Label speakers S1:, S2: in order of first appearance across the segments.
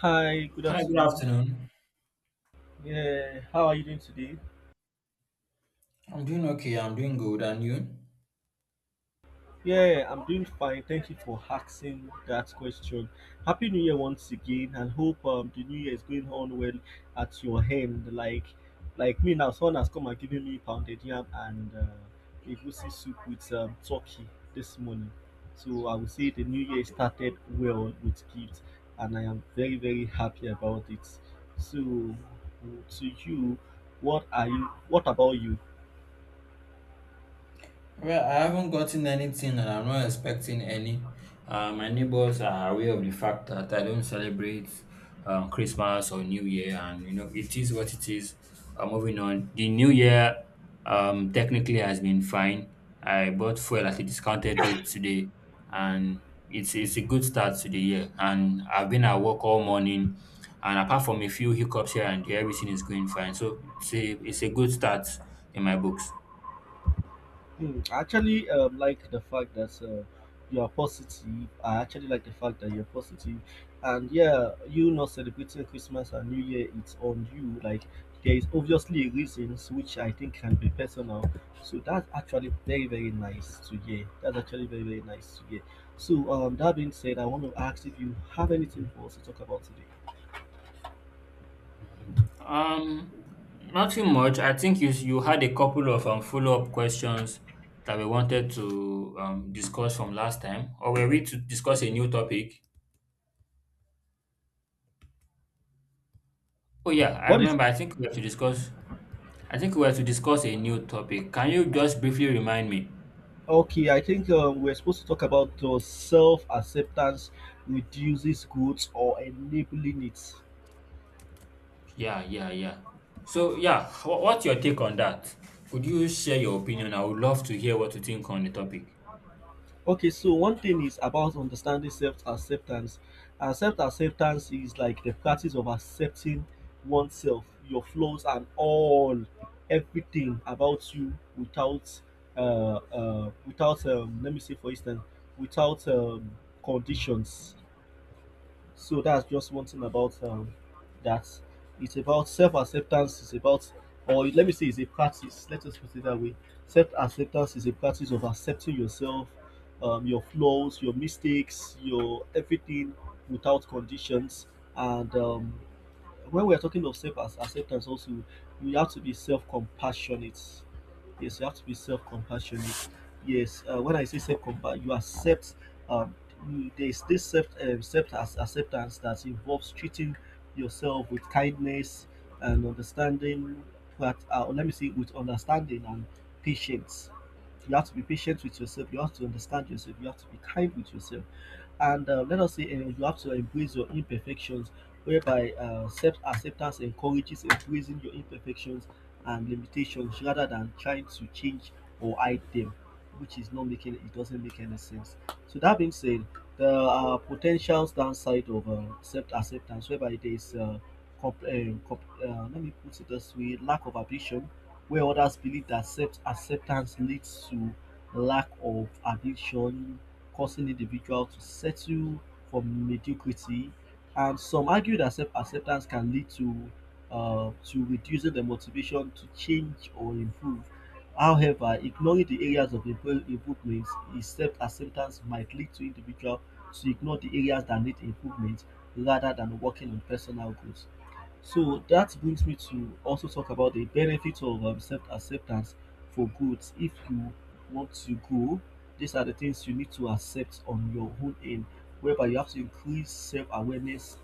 S1: Hi, good
S2: Hi, good
S1: afternoon.
S2: afternoon.
S1: Yeah, how are you doing today?
S2: I'm doing okay. I'm doing good. And you?
S1: Yeah, I'm doing fine. Thank you for asking that question. Happy New Year once again, and hope the New Year is going on well at your end. Like me now, someone has come and given me pounded yam and egusi soup with turkey this morning. So I would say the New Year started well with gifts, and I am very very happy about it. So, to you, what are you? What about you?
S2: Well, I haven't gotten anything and I'm not expecting any. My neighbors are aware of the fact that I don't celebrate Christmas or New Year, and you know, it is what it is. Moving on, the New Year technically has been fine. I bought fuel at a discounted rate today, and it's a good start to the year. And I've been at work all morning, and apart from a few hiccups here and there, everything is going fine. So it's a good start in my books.
S1: Hmm, I actually like the fact that you are positive. I actually like the fact that you're positive, and yeah, you not celebrating Christmas and New Year, it's on you. Like there is obviously reasons which I think can be personal. So that's actually very very nice to hear. That's actually very very nice to hear. So that being said, I want to ask if you have anything for us to talk about today.
S2: Um, Nothing much. I think you had a couple of follow-up questions that we wanted to discuss from last time, or were we to discuss a new topic? Oh yeah, I
S1: What is
S2: remember.
S1: it?
S2: I think we have to discuss. I think we have to discuss a new topic. Can you just briefly remind me?
S1: Okay, I think we're supposed to talk about self acceptance reduces goods or enabling it.
S2: Yeah, yeah, yeah. So yeah, what's your take on that? Could you share your opinion? I would love to hear what you think on the topic.
S1: Okay, so one thing is about understanding self acceptance. And self acceptance is like the practice of accepting oneself, your flaws, and all everything about you without, let me say, for instance, without conditions. So that's just one thing about that. It's about self acceptance, or let me say, it's a practice. Let us put it that way. Self acceptance is a practice of accepting yourself, your flaws, your mistakes, your everything without conditions. And when we are talking of acceptance also, you have to be self-compassionate. Yes, you have to be self-compassionate. Yes, when I say self-compassion, you accept um there is this self acceptance that involves treating yourself with kindness and understanding. But let me see, with understanding and patience. You have to be patient with yourself, you have to understand yourself, you have to be kind with yourself. And let us say you have to embrace your imperfections, whereby self acceptance encourages embracing your imperfections and limitations rather than trying to change or hide them, which is not making it doesn't make any sense. So, that being said, there are potentials downside of self acceptance, whereby there is let me put it this way, lack of ambition, where others believe that self acceptance leads to lack of ambition, causing individuals to settle for mediocrity. And some argue that self acceptance can lead to reducing the motivation to change or improve. However, ignoring the areas of improvement, is self acceptance might lead to individual to ignore the areas that need improvement rather than working on personal growth. So that brings me to also talk about the benefits of self acceptance for growth. If you want to grow, these are the things you need to accept on your own end, whereby you have to increase self awareness.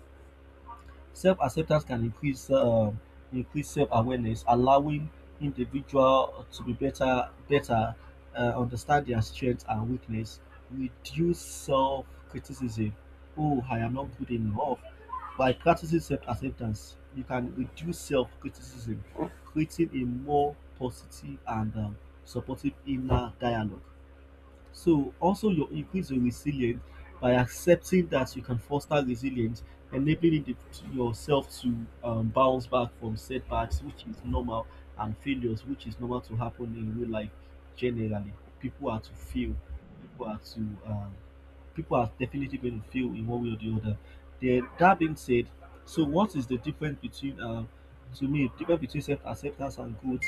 S1: Self-acceptance can increase self-awareness, allowing individual to be better understand their strengths and weakness, reduce self-criticism. Oh, I am not good enough. By practicing self-acceptance, you can reduce self-criticism, creating a more positive and supportive inner dialogue. So also you increase your resilience by accepting that you can foster resilience, enabling it to yourself to bounce back from setbacks, which is normal, and failures, which is normal to happen in real life. Generally, people are to fail, people are to um, people are definitely going to feel in one way or the other. Then that being said, so what is the difference between to me difference between self acceptance and growth?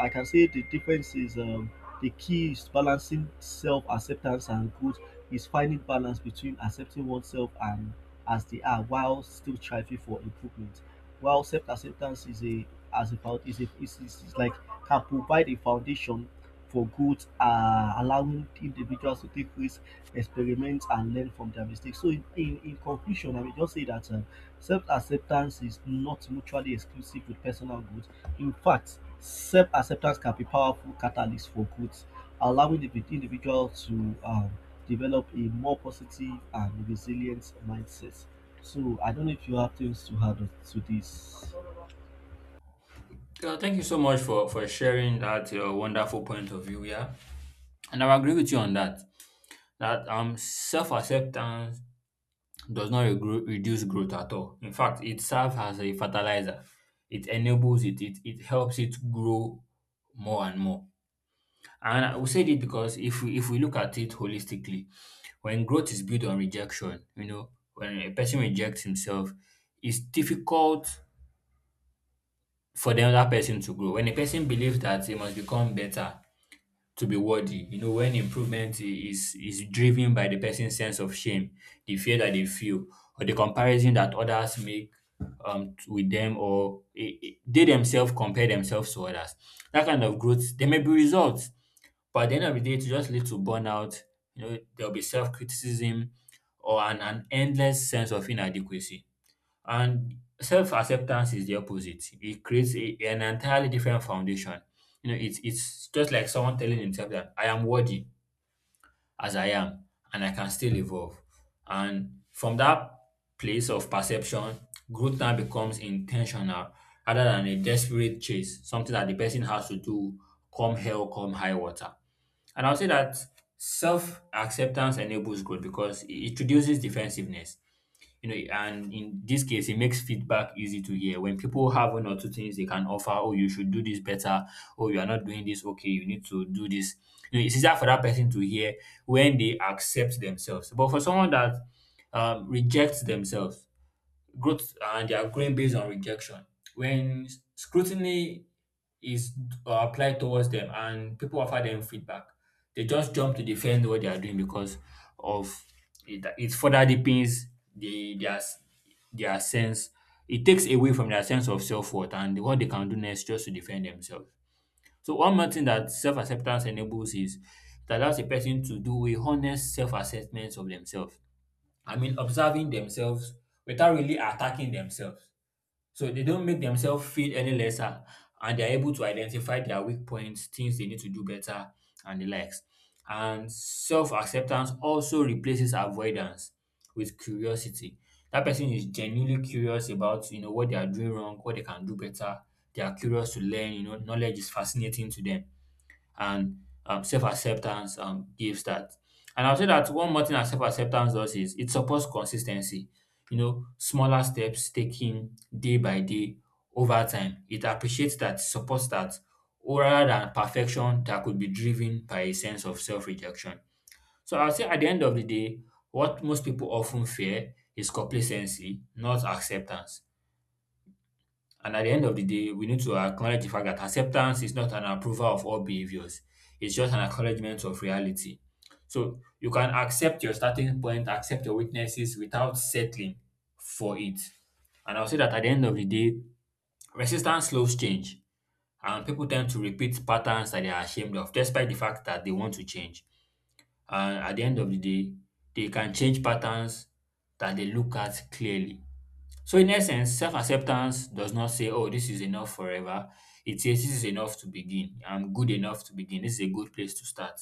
S1: I can say the difference is the key is balancing self acceptance and growth is finding balance between accepting oneself and as they are while still striving for improvement. While self acceptance is a as about is a is, is is like can provide a foundation for growth, allowing individuals to take risks, experiment and learn from their mistakes. So, in conclusion, I will just say that self acceptance is not mutually exclusive with personal growth. In fact, self acceptance can be powerful catalyst for growth, allowing the individual to develop a more positive and resilient mindset. So, I don't know if you have things to add on to this.
S2: Yeah, thank you so much for sharing that your wonderful point of view. Yeah, and I agree with you on that. Self acceptance does not reduce growth at all. In fact, it serves as a fertilizer, it enables it, it helps it grow more and more. And I will say it because if we look at it holistically, when growth is built on rejection, you know, when a person rejects himself, it's difficult for the other person to grow. When a person believes that he must become better, to be worthy. You know, when is driven by the person's sense of shame, the fear that they feel, or the comparison that others make with them, or they themselves compare themselves to others. That kind of growth, there may be results, but at the end of the day, it will just lead to burnout. You know, there'll be self criticism or an endless sense of inadequacy. And self-acceptance is the opposite. It creates an entirely different foundation. You know, it's just like someone telling himself that I am worthy as I am and I can still evolve. And from that place of perception, growth now becomes intentional rather than a desperate chase, something that the person has to do come hell, come high water. And I'll say that self-acceptance enables growth because it reduces defensiveness, you know, and in this case it makes feedback easy to hear when people have one or two things they can offer. Oh, you should do this better. Oh, you are not doing this okay. You need to do this. You know, it's easier for that person to hear when they accept themselves, but for someone that rejects themselves, growth and they are growing based on rejection. When scrutiny is applied towards them and people offer them feedback, they just jump to defend what they are doing because of it further deepens the, their, s- their sense. It takes away from their sense of self worth and what they can do next just to defend themselves. So, one more thing that self acceptance enables is it allows a person to do a honest self assessment of themselves. I mean, observing themselves without really attacking themselves. So they don't make themselves feel any lesser and they're able to identify their weak points, things they need to do better, and the likes. And self acceptance also replaces avoidance with curiosity. That person is genuinely curious about, you know, what they are doing wrong, what they can do better. They are curious to learn. You know, knowledge is fascinating to them and self-acceptance gives that. And I'll say that one more thing that self-acceptance does is it supports consistency. You know, smaller steps taken day by day over time. It appreciates that, supports that, rather than perfection that could be driven by a sense of self-rejection. So I'll say at the end of the day, what most people often fear is complacency, not acceptance. And at the end of the day, we need to acknowledge the fact that acceptance is not an approval of all behaviors. It's just an acknowledgement of reality. So you can accept your starting point, accept your weaknesses without settling for it. And I'll say that at the end of the day, resistance slows change. And people tend to repeat patterns that they are ashamed of, despite the fact that they want to change. And at the end of the day, they can change patterns that they look at clearly. So in essence, self-acceptance does not say, oh, this is enough forever. It says this is enough to begin. I'm good enough to begin. This is a good place to start.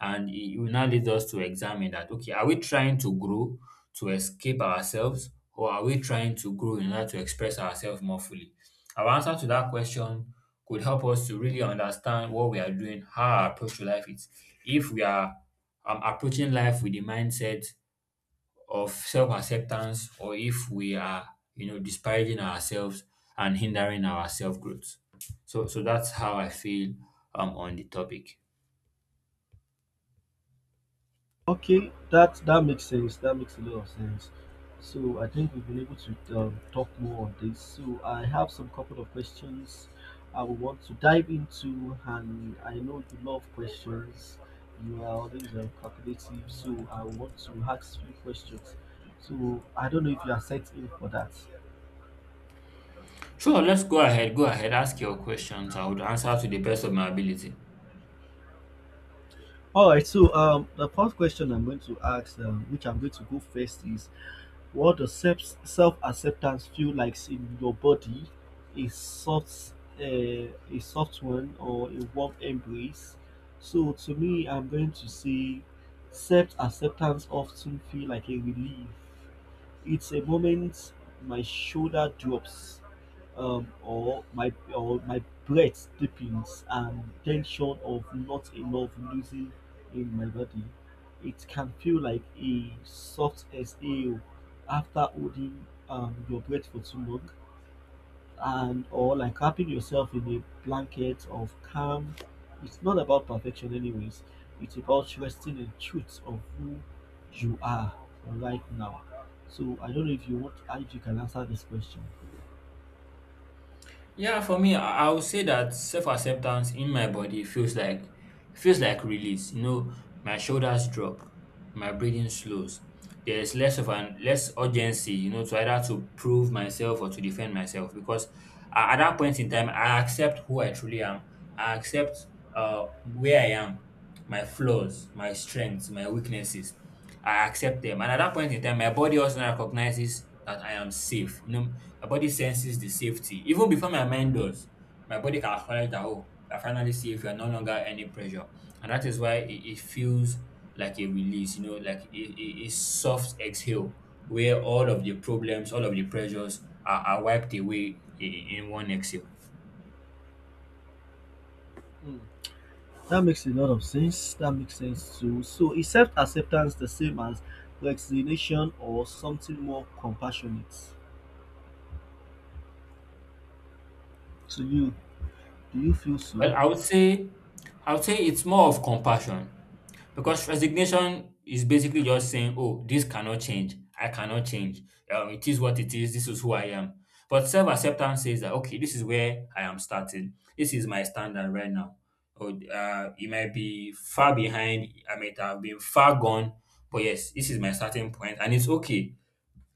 S2: And it will now lead us to examine that, okay, are we trying to grow to escape ourselves or are we trying to grow in order to express ourselves more fully? Our answer to that question could help us to really understand what we are doing, how our approach to life is. If we are approaching life with the mindset of self-acceptance or if we are, you know, disparaging ourselves and hindering our self-growth. So that's how I feel on the topic.
S1: Okay, that that makes sense. That makes a lot of sense. So I think we've been able to talk more on this. So I have some couple of questions I would want to dive into, and I know you love questions. You are always calculative, so I want to ask few questions. So I don't know if you are set in for that.
S2: Sure, let's go ahead. Go ahead, ask your questions. I would answer to the best of my ability.
S1: All right. So the first question I'm going to ask, which I'm going to go first, is what does self-acceptance feel like in your body? A soft, a soft one, or a warm embrace? So to me, I'm going to say self-acceptance often feel like a relief. It's a moment my shoulder drops, or my breath deepens, and tension of not enough losing in my body. It can feel like a soft exhale after holding your breath for too long, and or like wrapping yourself in a blanket of calm. It's not about perfection, anyways. It's about resting in truth of who you are right now. So I don't know if you want, if you can answer this question.
S2: Yeah, for me, I would say that self-acceptance in my body feels like release. You know, my shoulders drop, my breathing slows. There's less of an less urgency, you know, to either to prove myself or to defend myself because at that point in time, I accept who I truly am. I accept where I am, my flaws, my strengths, my weaknesses. I accept them. And at that point in time, my body also recognizes that I am safe. You know, my body senses the safety. Even before my mind does, my body can acknowledge that, oh, I finally safe. You are no longer any pressure. And that is why it feels like a release, you know, like a soft exhale where all of the problems, all of the pressures are wiped away in one exhale.
S1: Mm. That makes a lot of sense. That makes sense too. So is self acceptance the same as resignation or something more compassionate? To you, do you feel so?
S2: Well, I would say it's more of compassion because resignation is basically just saying, "Oh, this cannot change. I cannot change. It is what it is. This is who I am." But self acceptance says that, "Okay, this is where I am starting. This is my standard right now. Or it might be far behind. I might have been far gone, but yes, this is my starting point, and it's okay.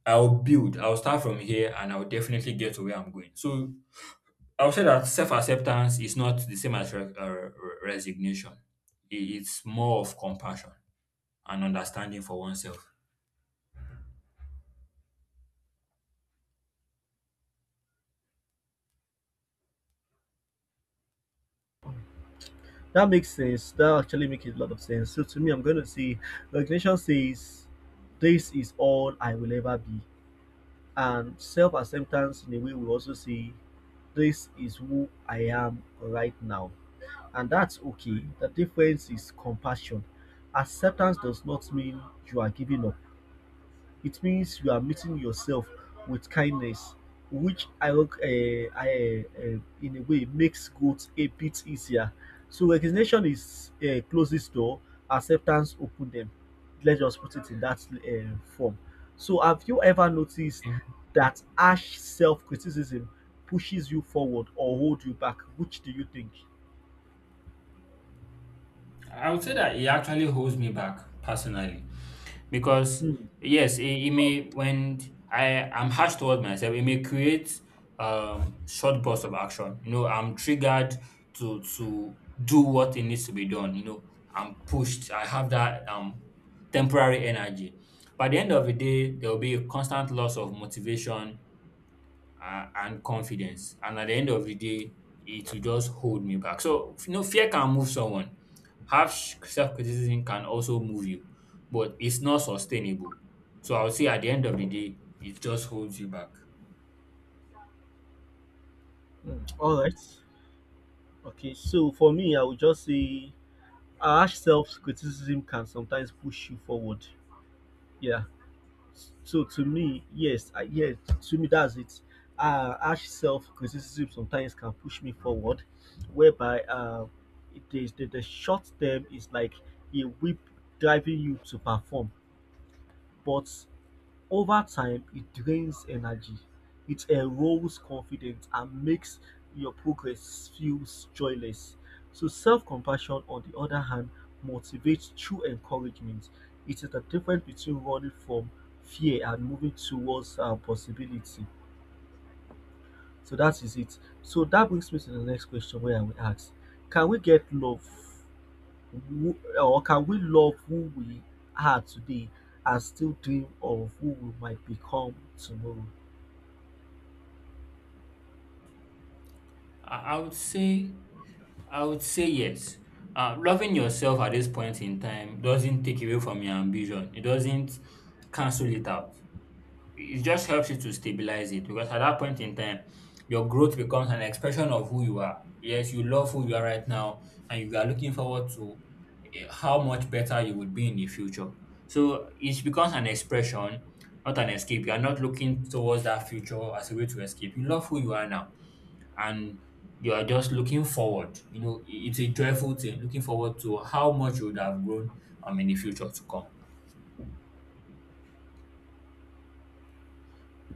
S2: I'll build. I'll start from here, and I'll definitely get to where I'm going." So I would say that self acceptance is not the same as resignation. It's more of compassion and understanding for oneself.
S1: That makes sense. That actually makes a lot of sense. So to me, I'm going to say the recognition says, this is all I will ever be. And self acceptance, in a way, we also say, this is who I am right now. And that's okay. The difference is compassion. Acceptance does not mean you are giving up, it means you are meeting yourself with kindness, which I in a way makes growth a bit easier. So recognition is closes door, acceptance open them. Let's just put it in that form. So have you ever noticed
S2: Okay.
S1: that harsh self-criticism pushes you forward or hold you back? Which do you think?
S2: I would say that it actually holds me back personally, because
S1: Hmm.
S2: yes, it may when I am harsh toward myself, it may create short bursts of action. You know, I'm triggered to do what it needs to be done. You know, I'm pushed. I have that temporary energy. By the end of the day, there will be a constant loss of motivation and confidence. And at the end of the day, it will just hold me back. So, you know, fear can move someone. Harsh self criticism can also move you, but it's not sustainable. So, I would say at the end of the day, it just holds you back.
S1: Mm, all right. Okay, so for me, I would just say our self-criticism can sometimes push you forward. Yeah. So to me, yes, to me that's it. Harsh self-criticism sometimes can push me forward, whereby it is the short term is like a whip driving you to perform, but over time, it drains energy, it erodes confidence and makes your progress feel joyless. So self-compassion, on the other hand, motivates true encouragement. It is the difference between running from fear and moving towards possibility. So that is it. So that brings me to the next question where I will ask, can we get love who, can we love who we are today and still dream of who we might become tomorrow?
S2: I would say, yes. Loving yourself at this point in time doesn't take away from your ambition. It doesn't cancel it out. It just helps you to stabilize it because at that point in time, your growth becomes an expression of who you are. Yes, you love who you are right now, and you are looking forward to how much better you would be in the future. So it becomes an expression, not an escape. You are not looking towards that future as a way to escape. You love who you are now, and you are just looking forward. You know, it's a joyful thing, looking forward to how much you would have grown in the future to come.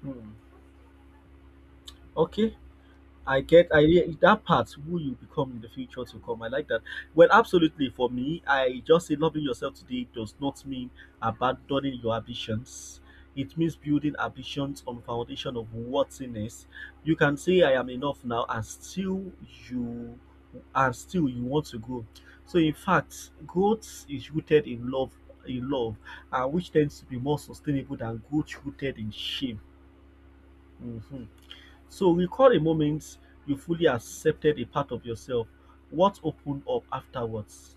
S1: Hmm. Okay, I get I re- that part who you become in the future to come. I like that. Well, absolutely. For me, I just say loving yourself today does not mean abandoning your ambitions. It means building ambitions on foundation of worthiness. You can say I am enough now, and you still you want to grow. So, in fact, growth is rooted in love, and which tends to be more sustainable than growth rooted in shame. Mhm. So recall a moment you fully accepted a part of yourself. What opened up afterwards?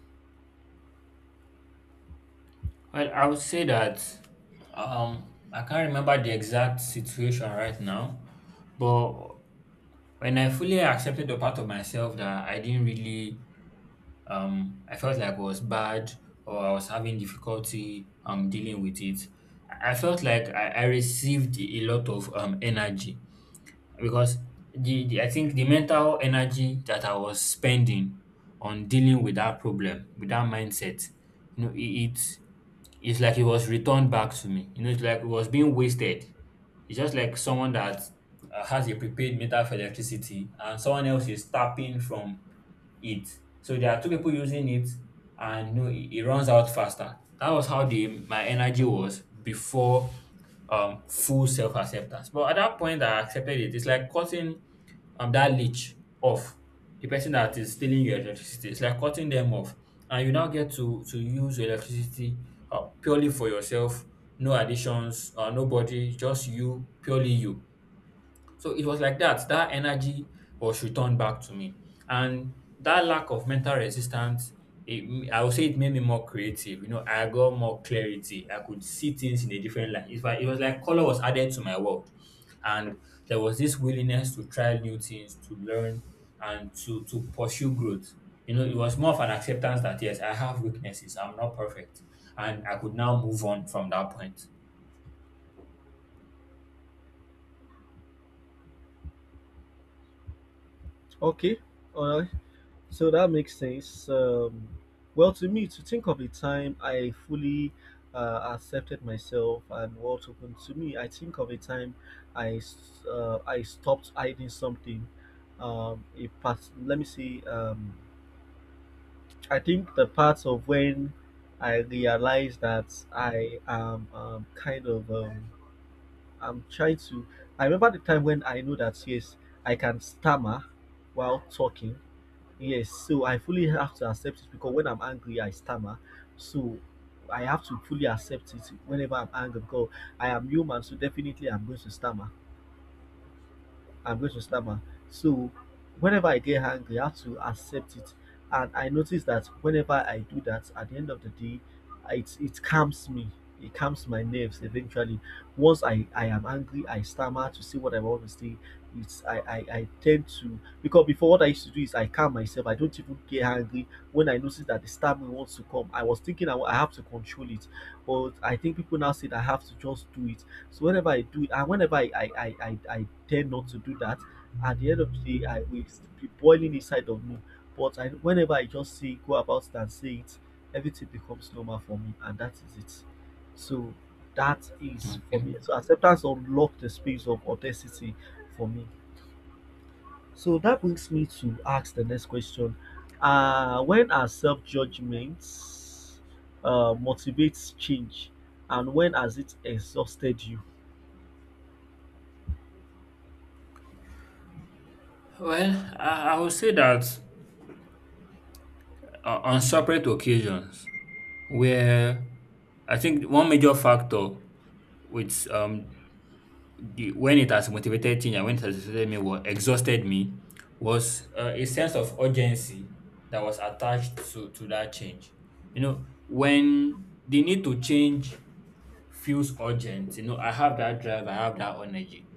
S2: Well, I would say that I can't remember the exact situation right now, but when I fully accepted the part of myself that I didn't really, I felt like it was bad, or I was having difficulty dealing with it, I felt like I received a lot of energy, because the I think the mental energy that I was spending on dealing with that problem, with that mindset, you know, it it's like it was returned back to me. You know, it's like it was being wasted. It's just like someone that has a prepaid meter for electricity and someone else is tapping from it. So there are two people using it, and you know, it runs out faster. That was how the my energy was before full self acceptance. But at that point I accepted it. It's like cutting that leech off, the person that is stealing your electricity. It's like cutting them off, and you now get to use your electricity purely for yourself, no additions, nobody, just you, purely you. So it was like that. That energy was returned back to me. And that lack of mental resistance, I would say it made me more creative. You know, I got more clarity. I could see things in a different light. If I, it was like color was added to my world. And there was this willingness to try new things, to learn, and to pursue growth. You know, it was more of an acceptance that, yes, I have weaknesses. I'm not perfect. And I could now move on from that point.
S1: Okay, all right. So that makes sense. Well, to me, to think of a time I fully accepted myself and what opened to me, I think of a time I stopped hiding something. A part. Let me see. I think the part of when I realized that I am kind of. I'm trying to. I remember the time when I know that yes, I can stammer while talking. Yes, so I fully have to accept it because when I'm angry, I stammer. So I have to fully accept it whenever I'm angry because I am human, so definitely I'm going to stammer. I'm going to stammer. So whenever I get angry, I have to accept it. And I notice that whenever I do that, at the end of the day, it calms me. It calms my nerves eventually. Once I am angry, I stammer to say what I want to say. It's I tend to because before what I used to do is I calm myself. I don't even get angry when I notice that the stammering wants to come. I was thinking I have to control it, but I think people now say that I have to just do it so whenever I do it, and whenever I tend not to do that, at the end of the day, I will still be boiling inside of me. But I, whenever I just say go about it and say it, everything becomes normal for me, and that is it. So that is for
S2: Okay.
S1: me. So acceptance unlocked the space of authenticity for me. So that brings me to ask the next question. When are self judgments motivates change, and when has it exhausted you?
S2: Well, I would say that on separate occasions where I think one major factor, which when it has motivated me and when it has motivated me was exhausted me was a sense of urgency that was attached to that change. You know, when the need to change feels urgent, you know, I have that drive, I have that energy.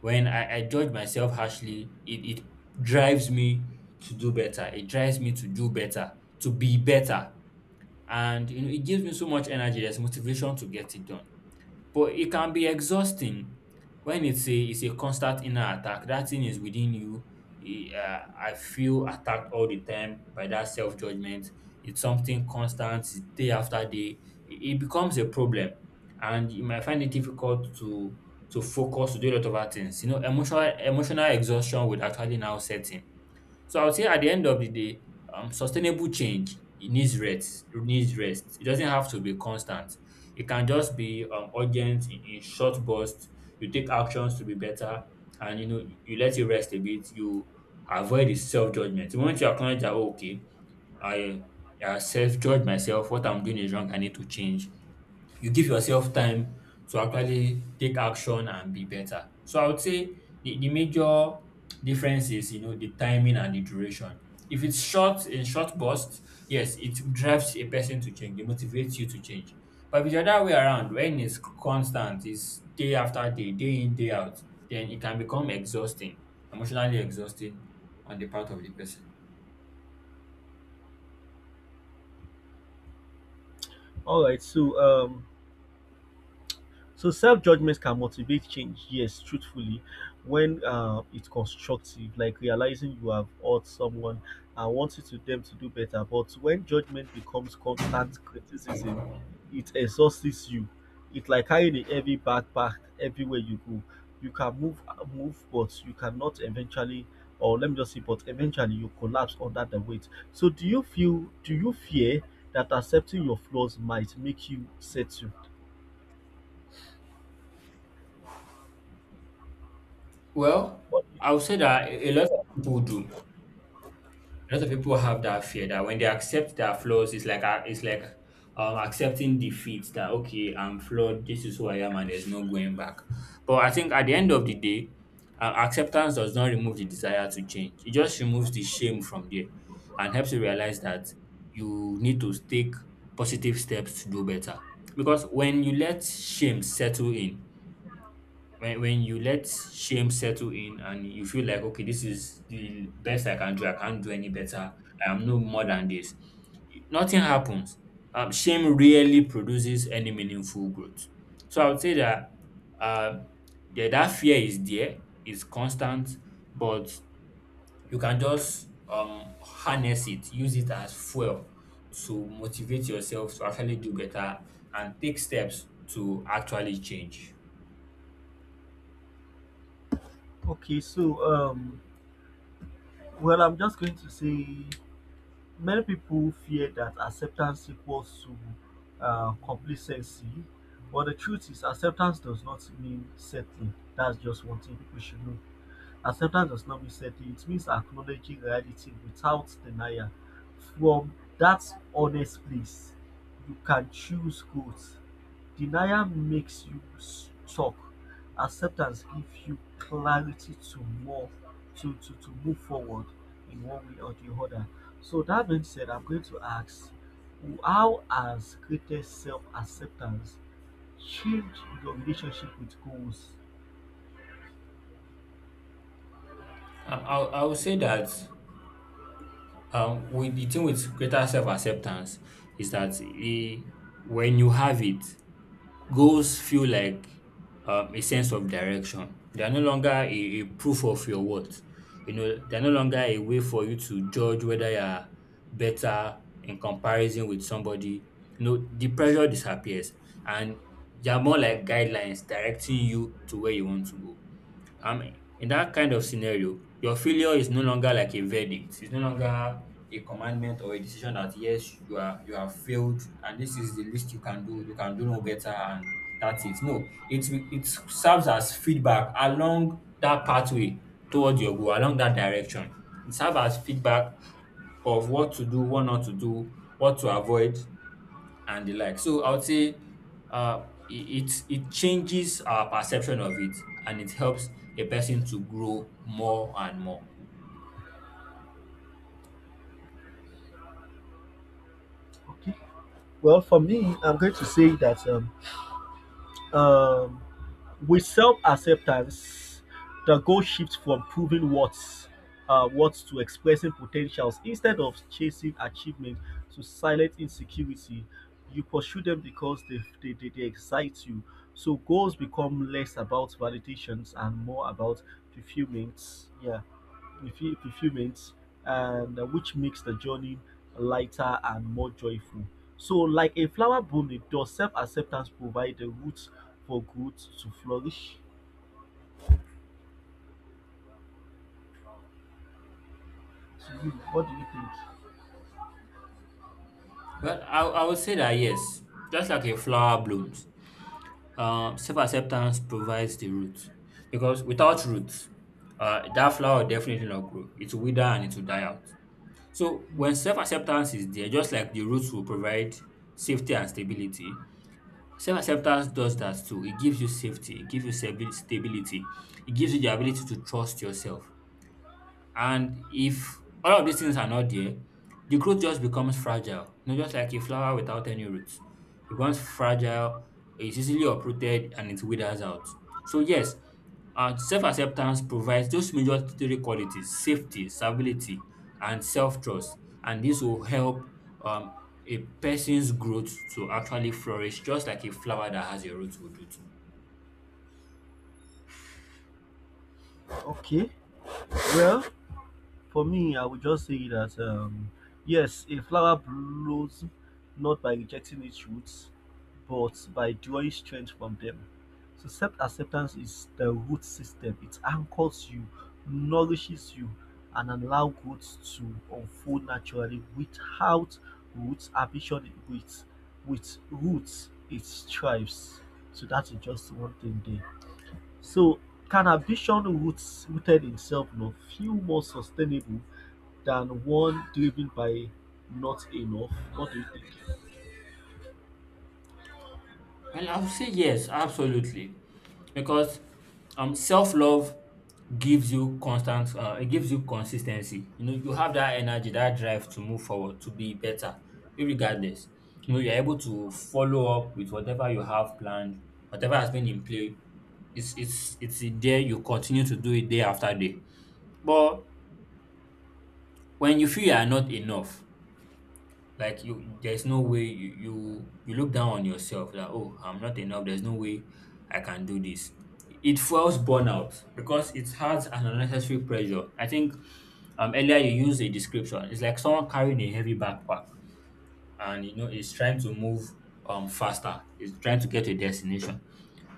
S2: When I judge myself harshly, it drives me to do better. It drives me to do better, to be better, and you know it gives me so much energy. There's motivation to get it done, but it can be exhausting when it's a constant inner attack. That thing is within you. Eh, uh, I feel attacked all the time by that self-judgment. It's something constant, it's day after day. It becomes a problem, and you might find it difficult to focus, to do a lot of other things. You know, emotional exhaustion would actually now set in. So I would say at the end of the day, sustainable change, it needs rest. It needs rest. It doesn't have to be constant. It can just be urgent in short bursts. You take actions to be better, and you know you let it rest a bit. You avoid the self judgment. The moment you acknowledge that, oh, okay, I, I self judge myself, what I'm doing is wrong, I need to change, you give yourself time to actually take action and be better. So I would say the major difference is, you know, the timing and the duration. If it's short, in short bursts, yes, it drives a person to change, it motivates you to change. But if it's the other way around, when it's constant, it's day after day, day in, day out, then it can become exhausting, emotionally exhausting on the part of the person.
S1: All right. So self judgments can motivate change, yes, truthfully, when it's constructive, like realizing you have hurt someone and wanting to them to do better. But when judgment becomes constant criticism, it exhausts you. It's like carrying a heavy backpack everywhere you go. You can move, but you cannot eventually, or let me just say, but eventually you collapse under the weight. So do you feel? Do you fear that accepting your flaws might make you settle?
S2: Well, I would say that a lot of people do. A lot of people have that fear that when they accept their flaws, it's like accepting defeat. That, okay, I'm flawed, this is who I am, and there's no going back. But I think at the end of the day, acceptance does not remove the desire to change. It just removes the shame from there, and helps you realize that you need to take positive steps to do better. Because when you let shame settle in, when you let shame settle in and you feel like, okay, this is the best I can do, I can't do any better, I am no more than this, nothing happens. Shame rarely produces any meaningful growth. So I would say that uh, yeah, that fear is there, it's constant. But you can just harness it, use it as fuel to motivate yourself to actually do better and take steps to actually change.
S1: Okay, I'm just going to say many people fear that acceptance equals to complacency, but the truth is, acceptance does not mean settling. That's just one thing people should know. Acceptance does not mean settling, it means acknowledging reality without denial. From that honest place, you can choose growth. Denial makes you stuck; acceptance gives you clarity to move to move forward in one way or the other. So that being said, I'm going to ask how has greater self-acceptance changed your relationship with goals?
S2: I would say that with the thing with greater self-acceptance is that, when you have it, goals feel like a sense of direction. They are no longer a proof of your worth. You know, they're no longer a way for you to judge whether you are better in comparison with somebody. You know, the pressure disappears, and they are more like guidelines directing you to where you want to go. Um, in that kind of scenario, your failure is no longer like a verdict. It's no longer a commandment or a decision that, yes, you have failed and this is the least you can do. You can do no better and that's it. No, it serves as feedback along that pathway towards your goal, along that direction. It serves as feedback of what to do, what not to do, what to avoid, and the like. So I would say it changes our perception of it, and it helps a person to grow more and more.
S1: Okay. Well, for me, I'm going to say that um, with self-acceptance, the goal shifts from proving what's to expressing potentials. Instead of chasing achievement to silence insecurity, you pursue them because they excite you. So goals become less about validations and more about fulfillment. Yeah. A few minutes, and which makes the journey lighter and more joyful. So, like a flower blooming, does self acceptance provide the roots for growth to flourish? To you, what do you think?
S2: Well, I would say that yes, just like a flower blooms, self acceptance provides the root, because without roots, that flower will definitely not grow. It will wither and it will die out. So when self acceptance is there, just like the roots will provide safety and stability, self-acceptance does that too. It gives you safety, it gives you stability, it gives you the ability to trust yourself. And if all of these things are not there, the growth just becomes fragile. You know, just like a flower without any roots. It becomes fragile, it's easily uprooted, and it withers out. So, yes, self acceptance provides those major three qualities: safety, stability, and self trust. And this will help um, a person's growth to actually flourish, just like a flower that has a root will do.
S1: Okay, well, for me, I would just say that yes, a flower blows not by rejecting its roots, but by drawing strength from them. So self acceptance is the root system. It anchors you, nourishes you, and allows growth to unfold naturally without roots, ambition with roots it thrives. So that's just one thing there. So can ambition roots rooted in self love feel more sustainable than one driven by not enough. What do you think?
S2: Well, I would say yes, absolutely, because self love gives you constant, it gives you consistency. You know, you have that energy, that drive to move forward, to be better, regardless. You know, you're able to follow up with whatever you have planned, whatever has been in play. It's in there. You continue to do it day after day. But when you feel you are not enough, like you, there's no way you look down on yourself, that, oh, I'm not enough, there's no way I can do this. It fuels burnout because it has an unnecessary pressure. I think earlier you used a description: it's like someone carrying a heavy backpack, and you know it's trying to move faster, it's trying to get to a destination.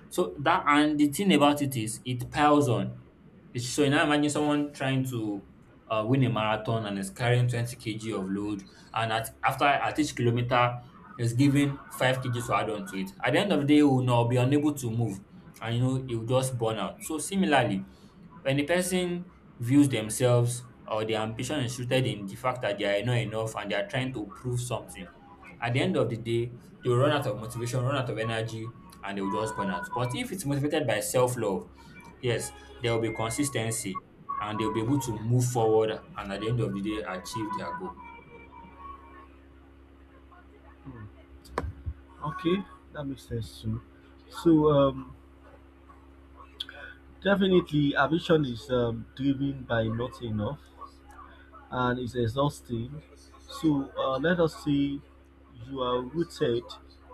S2: So that, and the thing about it is, it piles on. So now imagine someone trying to win a marathon and is carrying 20 kg of load, and after at each kilometer is giving 5 kg to add on to it. At the end of the day, he will not be unable to move, and you know, he will just burn out. So similarly, when a person views themselves or their ambition is rooted in the fact that they are not enough and they are trying to prove something, at the end of the day, they will run out of motivation, run out of energy, and they will just burn out. But if it's motivated by self love, yes, there will be consistency, and they'll be able to move forward and at the end of the day achieve their goal.
S1: Okay, that makes sense too. So definitely, ambition is driven by not enough, and it's exhausting. So let us say you are rooted,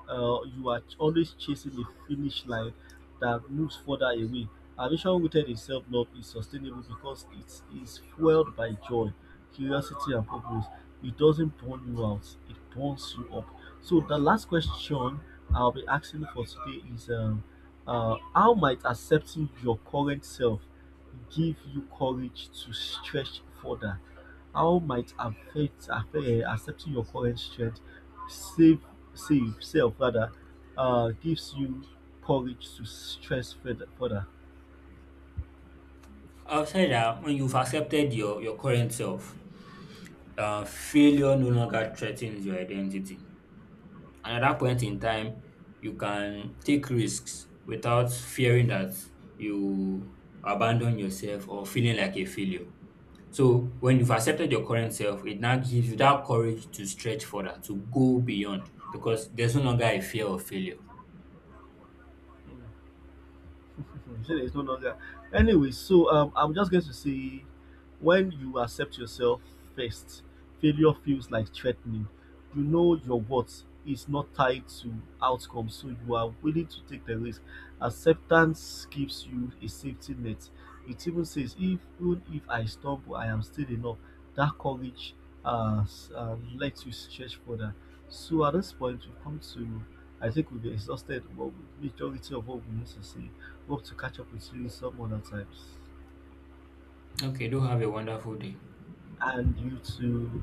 S1: you are always chasing a finish line that moves further away. Ambition rooted in self love is sustainable because it is fueled by joy, curiosity, and purpose. It doesn't burn you out, it burns you up. So, the last question I'll be asking for today is how might accepting your current self give you courage to stretch further? How might affect affair accepting your current strength, save save self rather, gives you courage to stress further.
S2: I've said that when you've accepted your current self, failure no longer threatens your identity. And at that point in time, you can take risks without fearing that you abandon yourself or feeling like a failure. So when you've accepted your current self, it now gives you that courage to stretch further, to go beyond, because there's no longer a fear of failure.
S1: You say there's no longer. Anyway, so I'm just going to say when you accept yourself first, failure feels like threatening. You know your worth is not tied to outcomes, so you are willing to take the risk. Acceptance gives you a safety net. It even says, if even if I stumble, I am still enough. That courage lets you stretch further. So at this point, we come to, I think we've exhausted what we- majority of what we need to say. Hope to catch up with you some other times.
S2: Okay, do have a wonderful day.
S1: And you too.